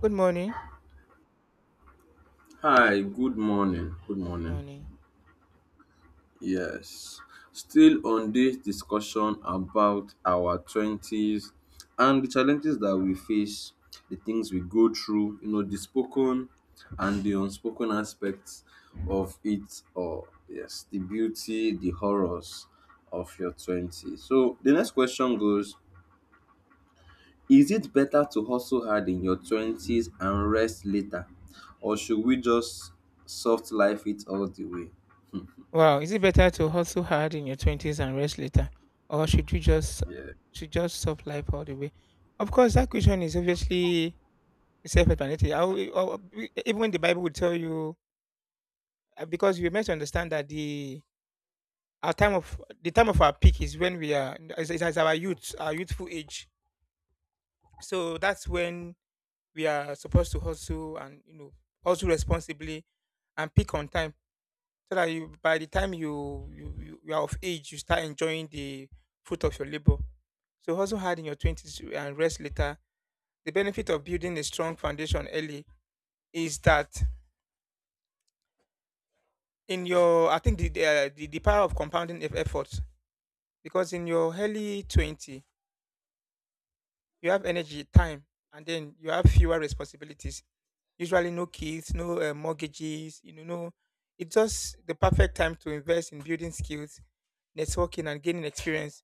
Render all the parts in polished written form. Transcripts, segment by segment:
Good morning. Hi, good morning. Good morning. Morning. Yes, still on this discussion about our 20s and the challenges that we face, the things we go through, you know, the spoken and the unspoken aspects of it, or yes, the beauty, the horrors of your 20s. So, the next question goes, is it better to hustle hard in your 20s and rest later, or should we just soft life it all the way? Wow, is it better to hustle hard in your twenties and rest later, or should you just Yeah. should just stop life all the way? Of course, that question is obviously self-explanatory. Even when the Bible will tell you, because you must understand that the our time of the time of our peak is when we are is our youth, our youthful age. So that's when we are supposed to hustle and, you know, hustle responsibly and peak on time. So that you by the time you are of age, you start enjoying the fruit of your labor. So hustle hard in your 20s and rest later. The benefit of building a strong foundation early is that in your— I think the power of compounding efforts, because in your early 20, you have energy, time, and then you have fewer responsibilities, usually no kids, no mortgages, you know, no— it's just the perfect time to invest in building skills, networking, and gaining experience.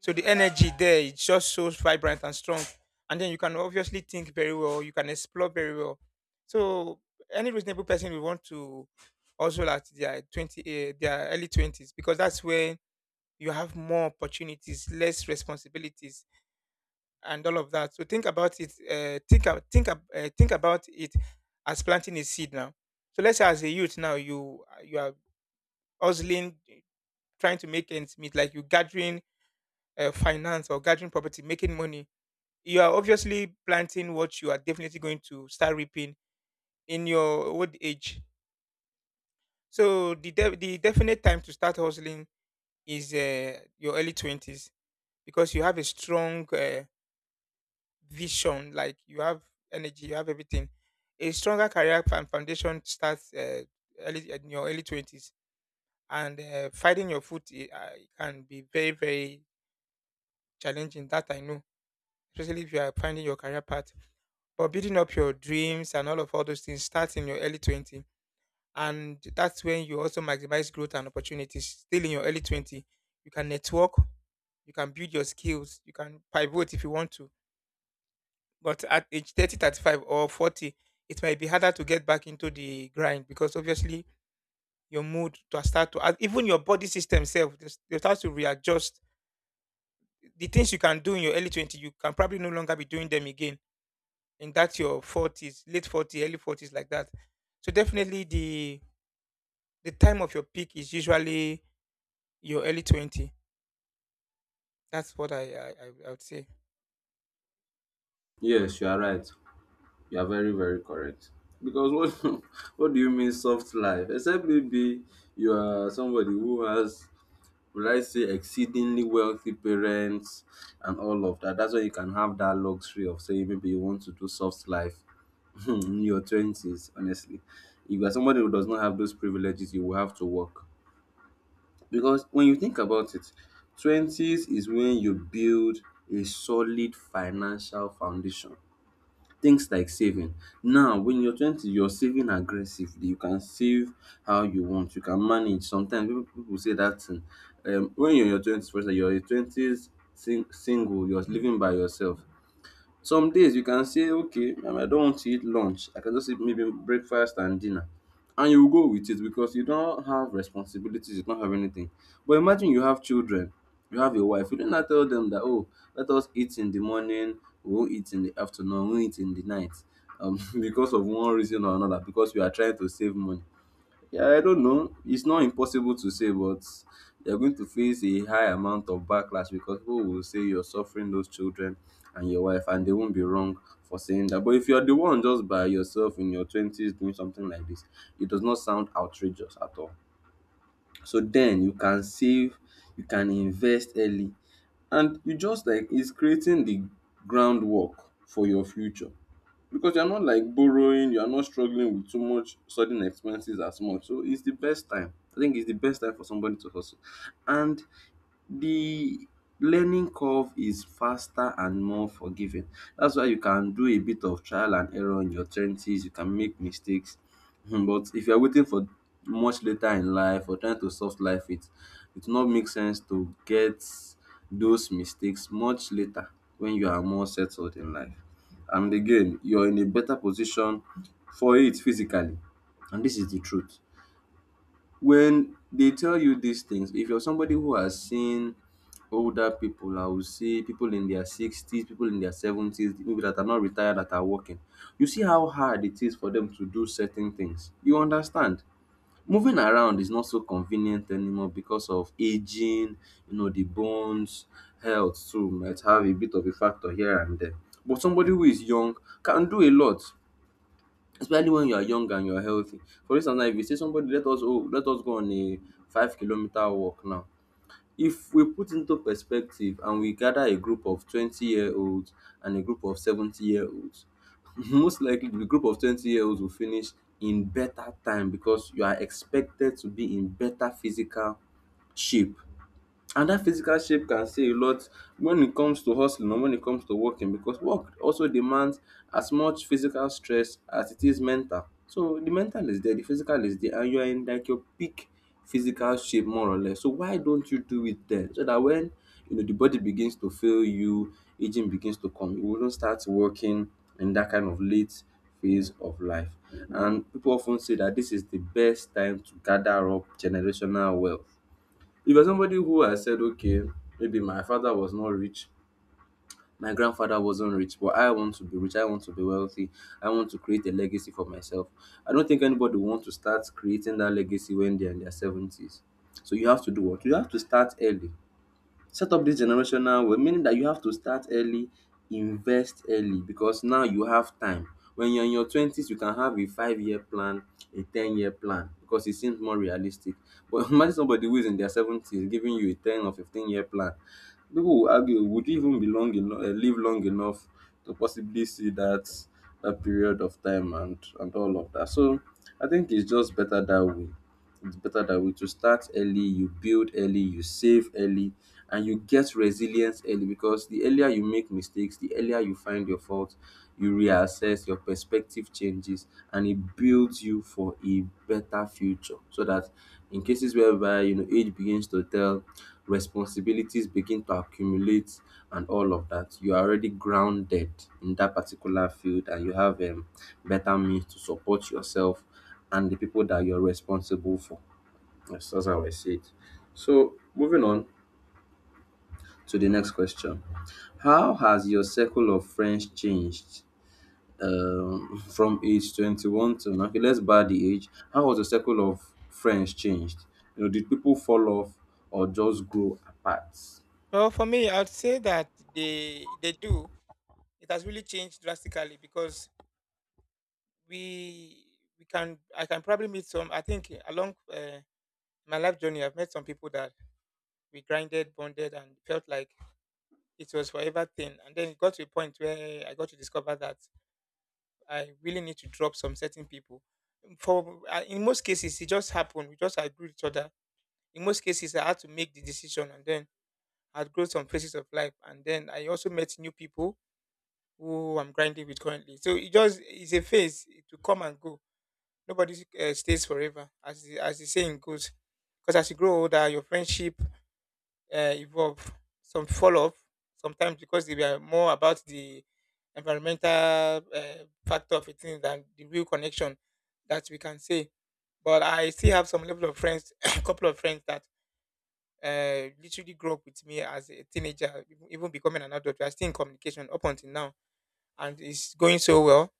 So the energy there is just so vibrant and strong. And then you can obviously think very well, you can explore very well. So any reasonable person will want to also at their 20 their early 20s, because that's where you have more opportunities, less responsibilities, and all of that. So think about it. Think about it as planting a seed now. So let's say as a youth now, you are hustling, trying to make ends meet, like you gathering finance or gathering property, making money. You are obviously planting what you are definitely going to start reaping in your old age. So the definite time to start hustling is your early 20s, because you have a strong vision, like you have energy, you have everything. A stronger career foundation starts early in your early 20s, and finding your foot it can be very challenging. That I know, especially if you are finding your career path. But building up your dreams and all those things starts in your early 20. And that's when you also maximize growth and opportunities. Still in your early 20, you can network, you can build your skills, you can pivot if you want to. But at age 30, 35, or 40, it might be harder to get back into the grind, because obviously your mood to start to, and even your body system self, they start to readjust. The things you can do in your early 20, you can probably no longer be doing them again in that your 40s, late 40s, early 40s, like that. So definitely the time of your peak is usually your early 20. That's what I would say. Yes, you are right. You are very, very correct. Because what, what do you mean soft life? Except maybe you are somebody who has, would I say, exceedingly wealthy parents and all of that. That's why you can have that luxury of saying maybe you want to do soft life in your twenties, honestly. If you are somebody who does not have those privileges, you will have to work. Because when you think about it, twenties is when you build a solid financial foundation. Things like saving. Now, when you're 20, you're saving aggressively. You can save how you want. You can manage. Sometimes people say that thing. When you're in your 20s, for instance, you're in your 20s, sing, single, you're living by yourself. Some days you can say, okay, I don't want to eat lunch, I can just eat maybe breakfast and dinner, and you go with it because you don't have responsibilities, you don't have anything. But imagine you have children, you have a wife, you don't tell them that, oh, let us eat in the morning, we won't eat in the afternoon, we won't eat in the night, because of one reason or another because you are trying to save money. Yeah, I don't know. It's not impossible to say, but you're going to face a high amount of backlash because people will say you're suffering those children and your wife, and they won't be wrong for saying that. But if you're the one just by yourself in your 20s doing something like this, it does not sound outrageous at all. So then you can save, you can invest early, and you just like is creating the groundwork for your future. Because you're not like borrowing, you're not struggling with too much sudden expenses as much. So it's the best time. I think it's the best time for somebody to hustle. And the learning curve is faster and more forgiving. That's why you can do a bit of trial and error in your twenties, you can make mistakes. But if you're waiting for much later in life or trying to solve life, it will not make sense to get those mistakes much later when you are more settled in life. And again, you're in a better position for it physically. And this is the truth. When they tell you these things, if you're somebody who has seen older people, I would say people in their 60s, people in their 70s, maybe that are not retired, that are working, you see how hard it is for them to do certain things. You understand? Moving around is not so convenient anymore because of aging, you know, the bones, health too might have a bit of a factor here and there. But somebody who is young can do a lot, especially when you are young and you are healthy. For instance, now if you say somebody, let us, oh, let us go on a 5 kilometer walk now, if we put into perspective and we gather a group of 20 year olds and a group of 70 year olds, most likely the group of 20 year olds will finish in better time because you are expected to be in better physical shape, and that physical shape can say a lot when it comes to hustling or when it comes to working because work also demands as much physical stress as it is mental. So the mental is there, the physical is there, and you are in like your peak physical shape more or less. So why don't you do it then? So that when, you know, the body begins to fail you, aging begins to come, you wouldn't start working in that kind of late phase of life. And people often say that this is the best time to gather up generational wealth. If you're somebody who has said, okay, maybe my father was not rich, my grandfather wasn't rich, but I want to be rich, I want to be wealthy, I want to create a legacy for myself. I don't think anybody wants to start creating that legacy when they're in their seventies. So you have to do what? You have to start early, set up this generational well, meaning that you have to start early, invest early, because now you have time. When you're in your 20s, you can have a 5 year plan, a 10-year plan, because it seems more realistic. But imagine somebody who is in their 70s giving you a 10 or 15-year plan. People will argue, would you even be long enough, live long enough to possibly see that, that period of time and all of that. So I think it's just better that way. It's better that way to start early, you build early, you save early, and you get resilience early, because the earlier you make mistakes, the earlier you find your fault, you reassess, your perspective changes, and it builds you for a better future. So that in cases whereby, you know, age begins to tell, responsibilities begin to accumulate, and all of that, you are already grounded in that particular field, and you have better means to support yourself and the people that you're responsible for. Yes, that's how I see it. So, moving on to the next question. How has your circle of friends changed from age 21 to now? Okay, let's bar the age. How has your circle of friends changed? You know, did people fall off or just grow apart? Well, for me, I'd say that they do. It has really changed drastically because we we can I can probably meet some. I think along my life journey, I've met some people that we grinded, bonded, and felt like it was forever thing. And then it got to a point where I got to discover that I really need to drop some certain people. For in most cases, it just happened. We just agreed with each other. In most cases, I had to make the decision, and then I'd grow some phases of life, and then I also met new people who I'm grinding with currently. So it just is a phase, it will come and go. Nobody stays forever, as the saying goes. Because as you grow older, your friendship evolve, some fall off sometimes because they were more about the environmental factor of a thing than the real connection that we can say. But I still have some level of friends, a couple of friends that literally grew up with me as a teenager, even becoming an adult. We are still in communication up until now, and it's going so well.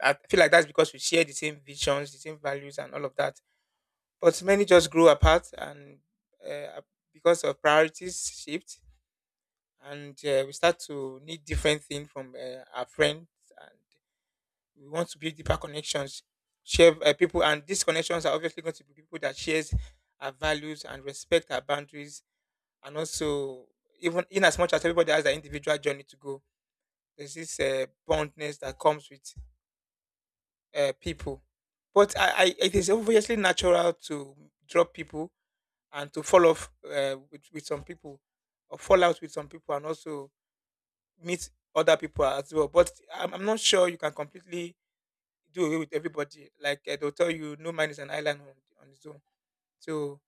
I feel like that's because we share the same visions, the same values, and all of that. But many just grew apart, and uh, because of priorities shift, and we start to need different things from our friends, and we want to build deeper connections, share people, and these connections are obviously going to be people that shares our values and respect our boundaries. And also, even in as much as everybody has their individual journey to go, there's this bondness that comes with people. But I it is obviously natural to drop people and to fall off with some people, or fall out with some people, and also meet other people as well. But I'm not sure you can completely do away with everybody. Like, eh, they'll tell you, no man is an island on its own. So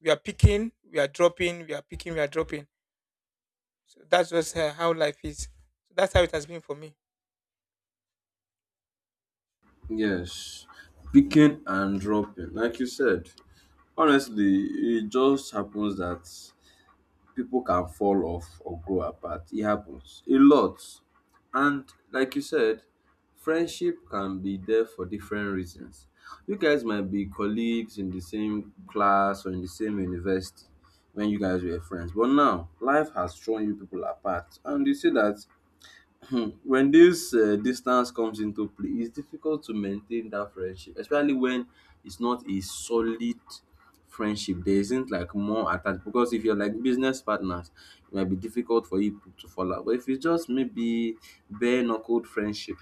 we are picking, we are dropping, we are picking, we are dropping. So that's just, eh, how life is. So that's how it has been for me. Yes, picking and dropping, like you said. Honestly, it just happens that people can fall off or grow apart. It happens a lot. And like you said, friendship can be there for different reasons. You guys might be colleagues in the same class or in the same university when you guys were friends. But now life has thrown you people apart. And you see that, hmm, when this distance comes into play, it's difficult to maintain that friendship, especially when it's not a solid friendship. There isn't like more attached, because if you're like business partners, it might be difficult for you to fall out. But if it's just maybe bare knuckled friendship,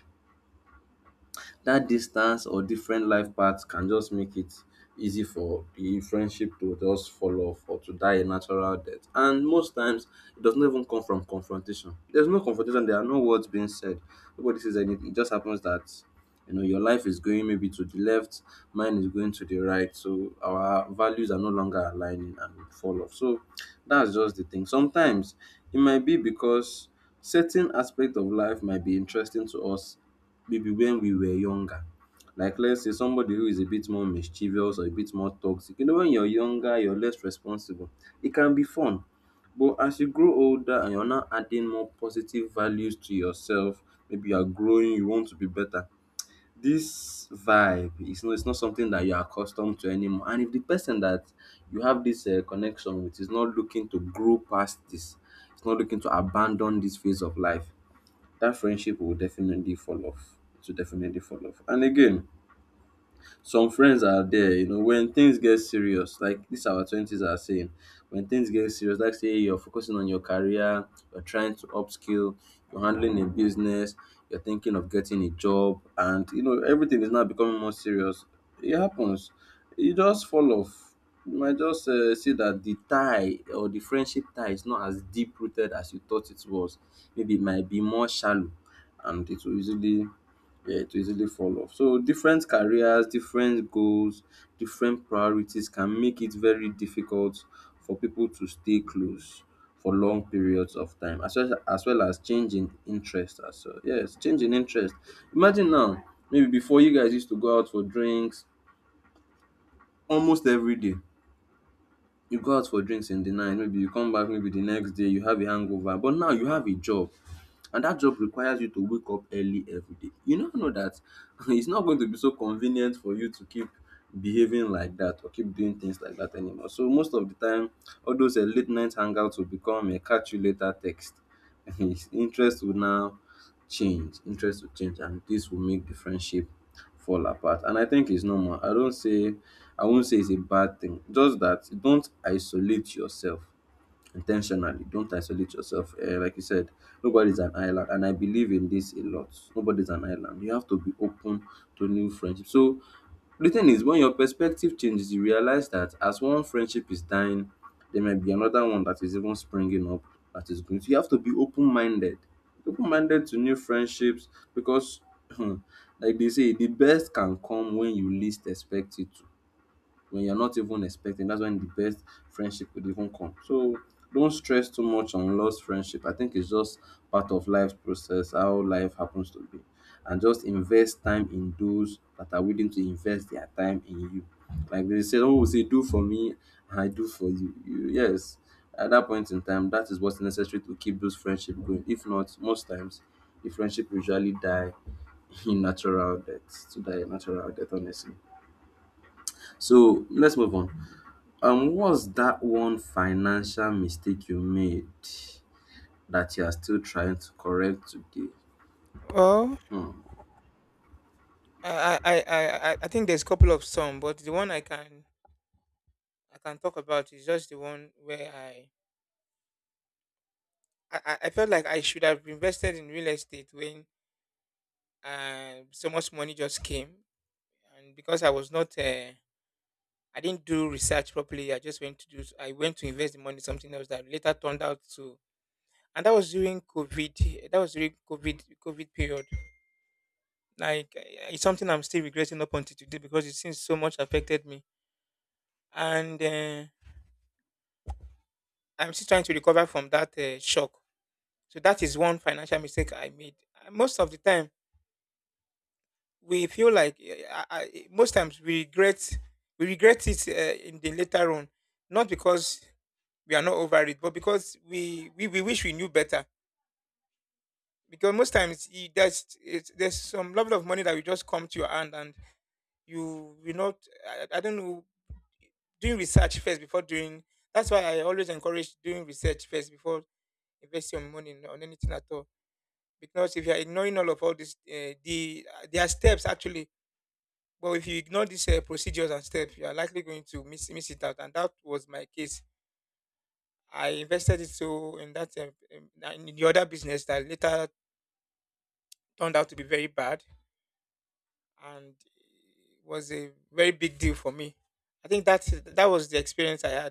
that distance or different life paths can just make it easy for the friendship to just fall off or to die a natural death. And most times, it does not even come from confrontation. There's no confrontation, there are no words being said. Nobody says anything. It just happens that, you know, your life is going maybe to the left, mine is going to the right. So our values are no longer aligning and we fall off. So that's just the thing. Sometimes it might be because certain aspect of life might be interesting to us maybe when we were younger. Like let's say somebody who is a bit more mischievous or a bit more toxic. You know, when you're younger, you're less responsible. It can be fun. But as you grow older and you're now adding more positive values to yourself, maybe you are growing, you want to be better. This vibe is not, it's not something that you're accustomed to anymore. And if the person that you have this connection with is not looking to grow past this, it's not looking to abandon this phase of life, that friendship will definitely fall off. It will definitely fall off. And again, some friends are there, you know, when things get serious, like this our twenties are saying, when things get serious, like say you're focusing on your career, you're trying to upskill, you're handling a business, you're thinking of getting a job, and you know, everything is now becoming more serious. It happens. You just fall off. You might just see that the tie or the friendship tie is not as deep rooted as you thought it was. Maybe it might be more shallow and it will easily, yeah, to easily fall off. So different careers, different goals, different priorities can make it very difficult for people to stay close for long periods of time, as well, as well as changing interest. As well. Yes, changing interest. Imagine now, maybe before you guys used to go out for drinks almost every day. You go out for drinks in the night, maybe you come back, maybe the next day you have a hangover, but now you have a job and that job requires you to wake up early every day. You now know that it's not going to be so convenient for you to keep behaving like that or keep doing things like that anymore. So most of the time, all those late night hangouts will become a catch you later text. His interest will now change. Interest will change, and this will make the friendship fall apart. And I think it's normal. I won't say it's a bad thing. Just that don't isolate yourself intentionally, don't isolate yourself, like you said, nobody's an island, and I believe in this a lot. Nobody's an island. You have to be open to new friendships. So the thing is, when your perspective changes, you realize that as one friendship is dying, there might be another one that is even springing up. That is good, so you have to be open-minded, open-minded to new friendships, because like they say, the best can come when you least expect it, when you're not even expecting. That's when the best friendship would even come. So don't stress too much on lost friendship. I think it's just part of life's process, how life happens to be. And just invest time in those that are willing to invest their time in you. Like they say, oh, will say do for me, and I do for you. Yes, at that point in time, that is what's necessary to keep those friendship going. If not, most times, the friendship usually die in natural death, to die a natural death, honestly. So let's move on. What's that one financial mistake you made that you are still trying to correct today? Well, Hmm. I think there's a couple of some, but the one I can— I can talk about is just the one where I felt like I should have invested in real estate when so much money just came, and because I was not I didn't do research properly. I just went to do. I went to invest the money in something else that later turned out to. And that was during COVID. That was during COVID period. Like, eh, it's something I'm still regretting up until today because it seems so much affected me. And I'm still trying to recover from that shock. So that is one financial mistake I made. Most of the time, we feel like, eh, most times we regret it in the later on, not because we are not over it, but because we wish we knew better. Because most times there's some level of money that will just come to your hand, and you will not— I don't know— doing research first before doing— that's why I always encourage doing research first before investing your money in- on anything at all. Because if you are ignoring all this there are steps, actually, but if you ignore these procedures and steps, you are likely going to miss it out, and that was my case. I invested it so in that in the other business that later turned out to be very bad, and it was a very big deal for me. I think that was the experience I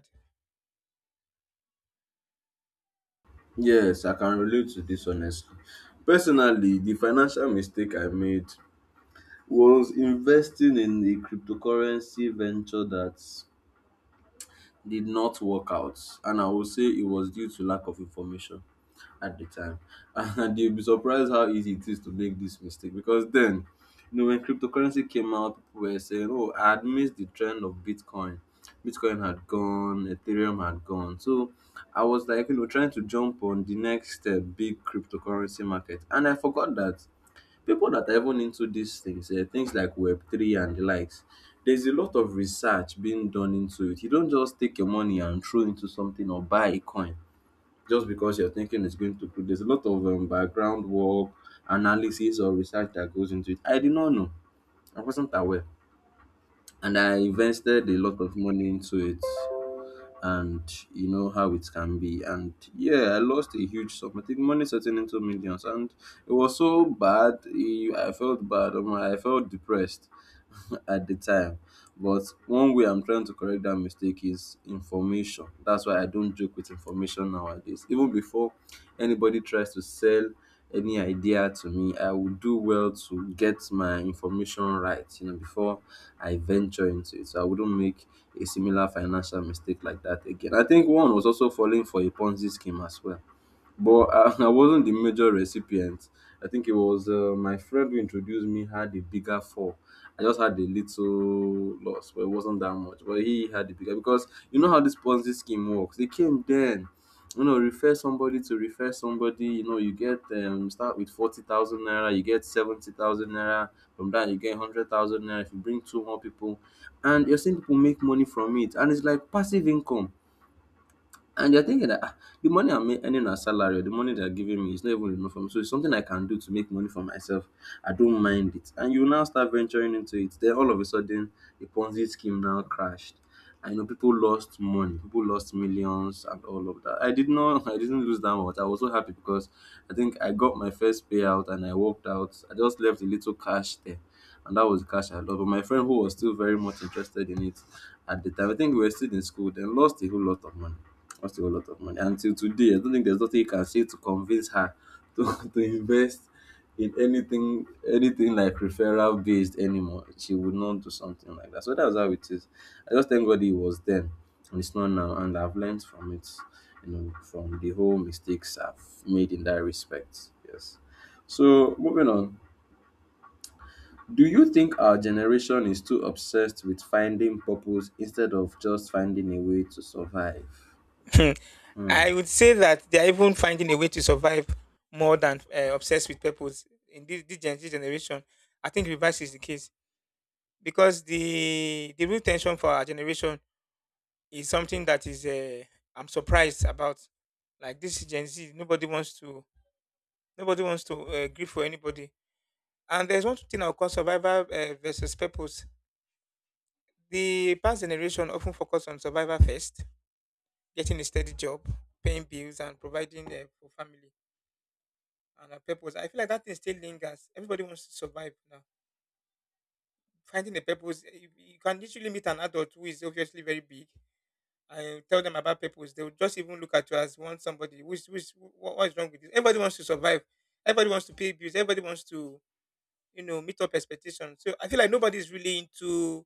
Yes, I can relate to this honestly. Personally, the financial mistake I made was investing in a cryptocurrency venture that did not work out, and I will say it was due to lack of information at the time. And you'll be surprised how easy it is to make this mistake because then, you know, when cryptocurrency came out, people were saying, oh, I had missed the trend of Bitcoin. Bitcoin had gone, Ethereum had gone. So I was like, you know, trying to jump on the next big cryptocurrency market. And I forgot that people that are even into these things, things like Web3 and the likes, there's a lot of research being done into it. You don't just take your money and throw into something or buy a coin just because you're thinking it's going to grow. There's a lot of background work, analysis, or research that goes into it. I did not know, I wasn't aware, and I invested a lot of money into it, and you know how it can be. And yeah, I lost a huge sum. I think money setting into millions, and it was so bad. Eh, I felt bad. Omo, I felt depressed at the time. But one way I'm trying to correct that mistake is information. That's why I don't joke with information nowadays. Even before anybody tries to sell any idea to me, I would do well to get my information right, you know, before I venture into it. So I wouldn't make a similar financial mistake like that again. I think one was also falling for a Ponzi scheme as well, but I, I wasn't the major recipient. I think it was my friend who introduced me had a bigger fall. I just had a little loss, but it wasn't that much. But he had the bigger because you know how this Ponzi scheme works. They came then, you know, refer somebody to refer somebody. You know, you get start with 40,000 naira, you get 70,000 naira. From that, you get 100,000 naira. If you bring two more people, and you're seeing people make money from it, and it's like passive income, and you're thinking that, "Ah, the money I'm earning as salary or the money they're giving me is not even enough for me. So it's something I can do to make money for myself. I don't mind it." And you now start venturing into it. Then all of a sudden, the Ponzi scheme now crashed. I know people lost money, people lost millions and all of that. I did not, I didn't lose that much. I was so happy because I think I got my first payout and I walked out. I just left a little cash there. And that was the cash I lost. But my friend who was still very much interested in it at the time, I think we were still in school, then lost a whole lot of money, cost you a lot of money. Until today, I don't think there's nothing you can say to convince her to, to invest in anything, anything like referral based anymore. She would not do something like that. So that's how it is. I just thank God it was then and it's not now, and I've learned from it, you know, from the whole mistakes I've made in that respect. Yes. So moving on. Do you think our generation is too obsessed with finding purpose instead of just finding a way to survive? had. Hmm. I would say that they are even finding a way to survive more than, obsessed with purpose in this generation. I think reverse is the case because the real tension for our generation is something that is, I'm surprised about. Like this Gen Z, nobody wants to, grieve for anybody. And there's one thing I'll call survivor versus purpose. The past generation often focused on survival first, getting a steady job, paying bills, and providing, for family and a purpose. I feel like that thing still lingers. Everybody wants to survive now. Finding a purpose, eh, you can literally meet an adult who is obviously very big and tell them about purpose. They will just even look at you as one somebody. What is wrong with this? Everybody wants to survive. Everybody wants to pay bills. Everybody wants to, you know, meet up expectations. So I feel like nobody is really into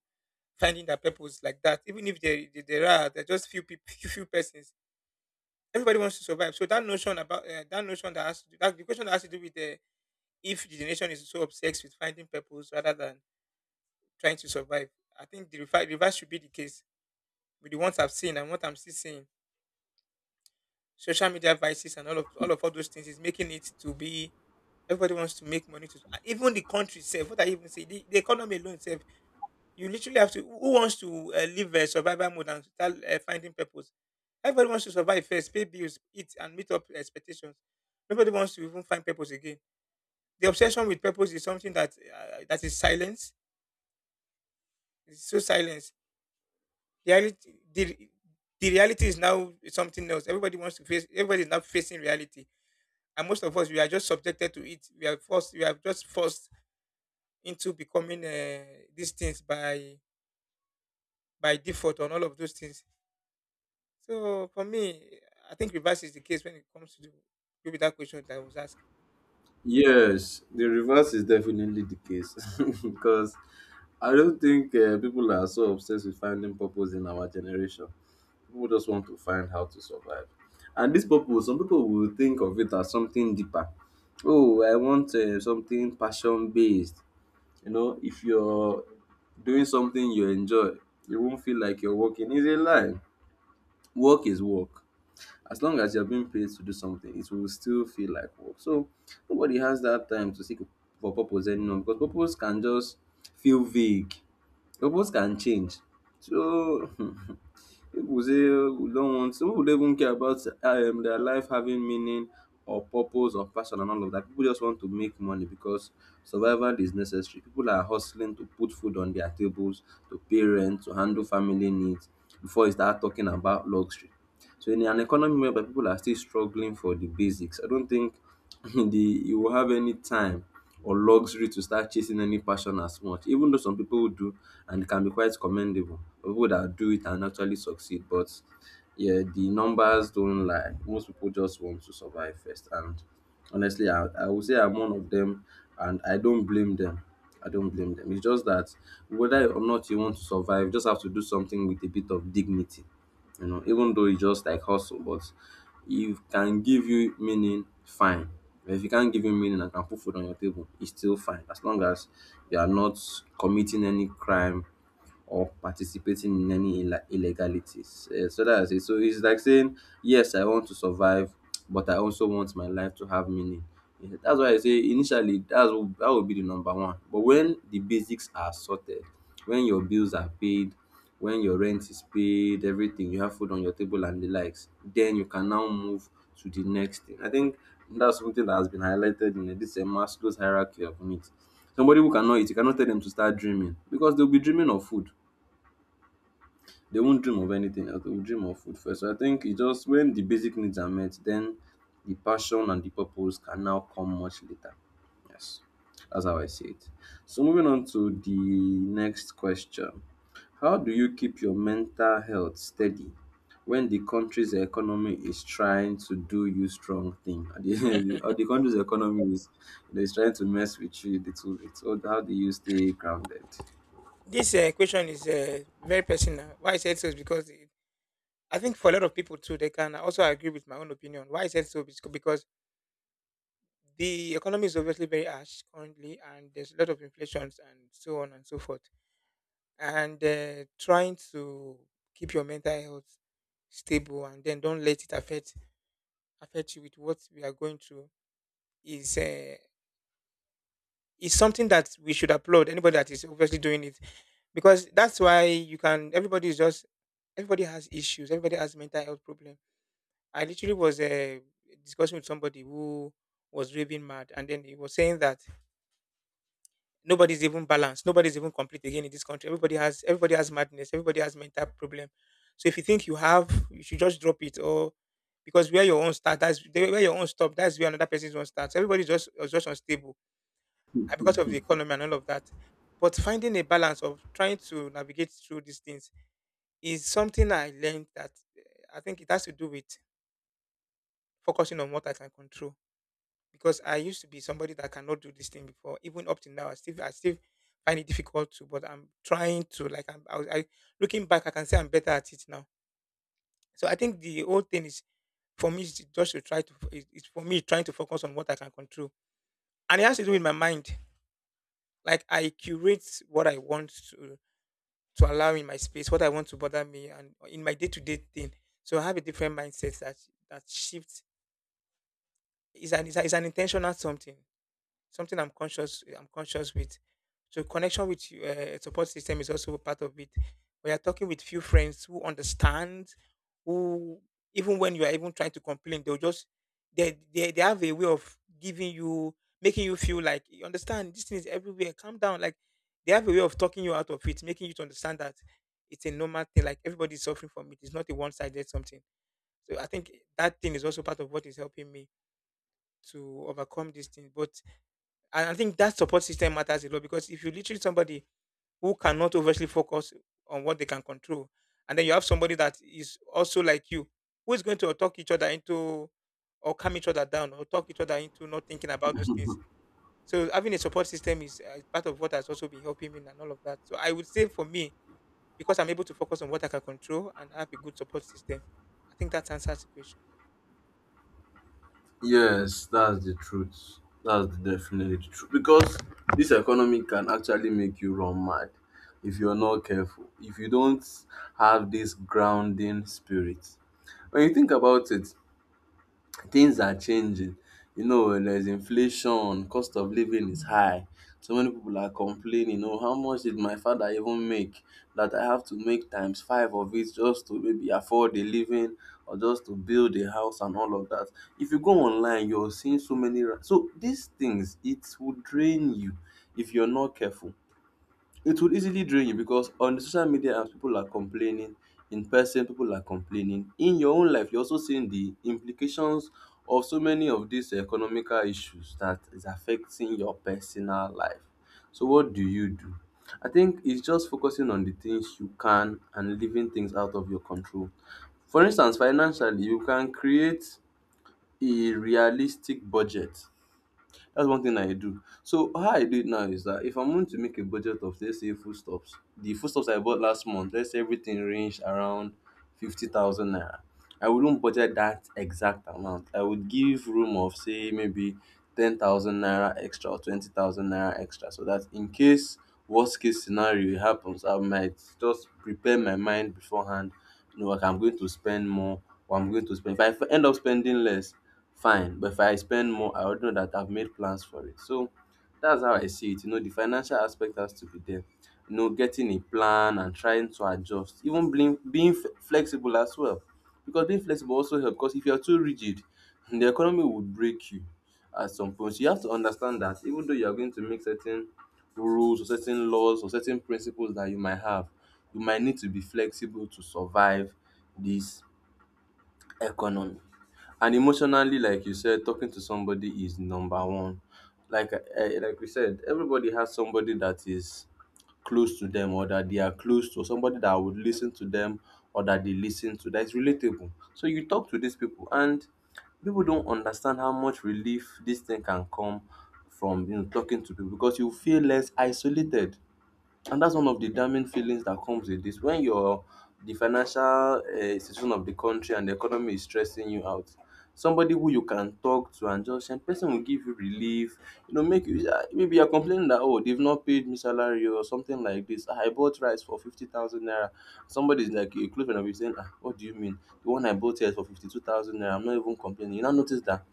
finding their purpose like that. Even if there are just few people, few persons, everybody wants to survive. So that notion about, that the question that has to do with, if the nation is so obsessed with finding purpose rather than trying to survive. I think the reverse should be the case with the ones I've seen and what I'm still seeing. Social media vices and all those things is making it to be everybody wants to make money, to even the country itself. What I even say, the economy alone itself— you literally have to. Who wants to, live a survival mode and start, finding purpose? Everybody wants to survive first, pay bills, eat, and meet up expectations. Nobody wants to even find purpose again. The obsession with purpose is something that, that is silence. It's so silence. The reality, the, the reality is now something else. Everybody wants to face. Everybody is now facing reality, and most of us we are just subjected to it. We are forced. We are just forced into becoming these things by default on all of those things. So for me, I think reverse is the case when it comes to the, maybe, that question that I was asked. Yes, the reverse is definitely the case because I don't think people are so obsessed with finding purpose in our generation. People just want to find how to survive. And this purpose, some people will think of it as something deeper. Oh, I want something passion based. You know, if you're doing something you enjoy, you won't feel like you're working. It's a lie. Work is work. As long as you're being paid to do something, it will still feel like work. So nobody has that time to seek for purpose anymore because purpose can just feel vague. Purpose can change. So people say, we don't want, some people don't even care about their life having meaning or purpose or passion and all of that. People just want to make money because survival is necessary. People are hustling to put food on their tables, to pay rent, to handle family needs before you start talking about luxury. So in an economy whereby people are still struggling for the basics, I don't think the you will have any time or luxury to start chasing any passion as much. Even though some people do, and it can be quite commendable, people that do it and actually succeed. But yeah, the numbers don't lie. Most people just want to survive first. And honestly, I would say I'm one of them, and I don't blame them. I don't blame them. It's just that whether or not you want to survive, you just have to do something with a bit of dignity, you know, even though it's just like hustle. But if can give you meaning, fine. But if you can't give you meaning and can put food on your table, it's still fine as long as you are not committing any crime or participating in any illa illegalities. Eh, so that's it. So it's like saying, yes, I want to survive, but I also want my life to have meaning. Eh, that's why I say initially that's that would be the number one. But when the basics are sorted, when your bills are paid, when your rent is paid, everything, you have food on your table and the likes, then you can now move to the next thing. I think that's something that has been highlighted in this Maslow's hierarchy of needs. Somebody who cannot eat, you cannot tell them to start dreaming because they'll be dreaming of food. They won't dream of anything else. They will dream of food first. So I think it just when the basic needs are met, then the passion and the purpose can now come much later. Yes, that's how I see it. So moving on to the next question. How do you keep your mental health steady when the country's economy is trying to do you strong thing? Or the country's economy is trying to mess with you a little bit. So how do you stay grounded? This question is very personal. Why I said so is because I think for a lot of people too, they can also agree with my own opinion. Why I said so is because the economy is obviously very harsh currently, and there's a lot of inflations and so on and so forth. And trying to keep your mental health stable, and then don't let it affect you with what we are going through, is uh, is something that we should applaud anybody that is obviously doing it, because that's why you can. Everybody is just, everybody has issues, everybody has mental health problem. I literally was discussing with somebody who was raving mad, and then he was saying that nobody's even balanced, nobody's even complete again in this country. Everybody has madness, everybody has mental problem. So if you think you have, you should just drop it, or because where your own start, that's where your own stop, that's where another person's own starts. Everybody's just unstable, because of the economy and all of that. But finding a balance of trying to navigate through these things is something I learned that I think it has to do with focusing on what I can control. Because I used to be somebody that cannot do this thing before, even up to now, I still find it difficult to. But I'm trying to like I'm I, was- I, looking back, I can say I'm better at it now. So I think the whole thing is, for me is just to try to, it's for me trying to focus on what I can control, and it has to do with my mind. Like I curate what I want to allow in my space, what I want to bother me and in my day to day thing. So I have a different mindset that shifts, is an intentional something, I'm conscious with. So, connection with support system is also a part of it. We are talking with few friends who understand, who even when you are even trying to complain, they'll just they have a way of giving you, making you feel like, you understand, this thing is everywhere. Calm down. Like, they have a way of talking you out of it, making you to understand that it's a normal thing. Like, everybody's suffering from it. It's not a one-sided something. So I think that thing is also part of what is helping me to overcome this thing. But and I think that support system matters a lot, because if you literally somebody who cannot overtly focus on what they can control, and then you have somebody that is also like you, who is going to talk each other into, or calm each other down, or talk each other into not thinking about those things. So having a support system is part of what has also been helping me and all of that. So I would say for me, because I'm able to focus on what I can control and have a good support system, I think that answers the question. Yes, that's the truth. That's definitely the truth. Because this economy can actually make you run mad if you're not careful. If you don't have this grounding spirit. When you think about it, things are changing. You know, when there's inflation, cost of living is high. So many people are complaining, oh, how much did my father even make that I have to make times five of it just to maybe afford a living or just to build a house and all of that. If you go online, you're seeing so many. So these things, it will drain you if you're not careful. It will easily drain you because on the social media apps people are complaining, in person people are complaining. In your own life you're also seeing the implications of so many of these economical issues that is affecting your personal life. So what do you do? I think it's just focusing on the things you can and leaving things out of your control. For instance, financially you can create a realistic budget. That's one thing I do. So how I do it now is that if I'm going to make a budget of, let's say, foodstuffs, the foodstuffs I bought last month, let's say everything ranged around 50,000 naira. I wouldn't budget that exact amount. I would give room of say maybe 10,000 naira extra or 20,000 naira extra, so that in case worst case scenario happens, I might just prepare my mind beforehand. You know, like I'm going to spend more, or I'm going to spend. If I end up spending less, fine, but if I spend more, I would know that I've made plans for it. So that's how I see it. You know, the financial aspect has to be there. You know, getting a plan and trying to adjust, even being flexible as well, because being flexible also helps. Because if you're too rigid, the economy would break you at some point. So you have to understand that even though you are going to make certain rules or certain laws or certain principles that you might have, you might need to be flexible to survive this Economy. And emotionally, like you said, talking to somebody is number one. Like like we said, everybody has somebody that is close to them, or that they are close to somebody that would listen to them, or that they listen to, that is relatable. So you talk to these people, and people don't understand how much relief this thing can come from, you know, talking to people, because you feel less isolated, and that's one of the damning feelings that comes with this. When your the financial situation of the country and the economy is stressing you out, somebody who you can talk to and just and person will give you relief. You know, make you ah, maybe you're complaining that, oh, they've not paid me salary or something like this. "Ah, I bought rice for 50,000 naira." Somebody's like a close friend of you saying, "Ah, what do you mean? The one I bought here is for 52,000 naira. I'm not even complaining." You now notice that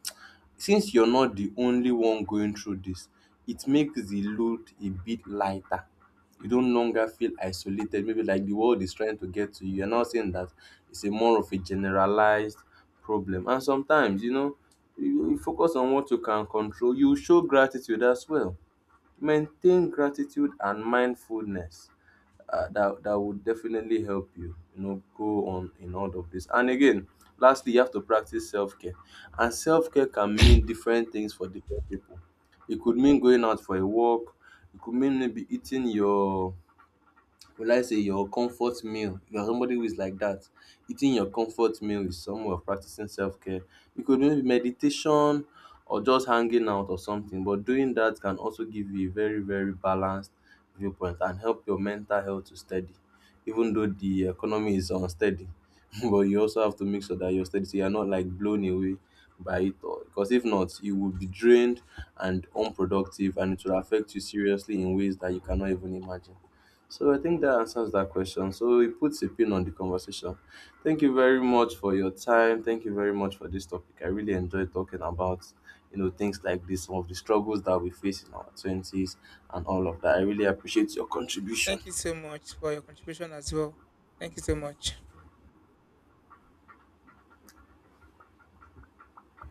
since you're not the only one going through this, it makes the load a bit lighter. You don't longer feel isolated, maybe like the world is trying to get to you. You're not saying that, it's a more of a generalized problem. And sometimes, you know, you focus on what you can control, you show gratitude as well, maintain gratitude and mindfulness. That would definitely help you, you know, go on in all of this. And again, lastly, you have to practice self-care. And self-care can mean different things for different people. It could mean going out for a walk. It could mean maybe eating your, will I say, your comfort meal? If you're somebody who is like that, eating your comfort meal is some way of practicing self care. You could do meditation or just hanging out or something, but doing that can also give you a very, very balanced viewpoint and help your mental health to steady, even though the economy is unsteady. But you also have to make sure that you're steady, so you're not like blown away by it all. Because if not, you will be drained and unproductive, and it will affect you seriously in ways that you cannot even imagine. So I think that answers that question. So it puts a pin on the conversation. Thank you very much for your time. Thank you very much for this topic. I really enjoyed talking about, you know, things like this, some of the struggles that we face in our twenties and all of that. I really appreciate your contribution. Thank you so much for your contribution as well. Thank you so much.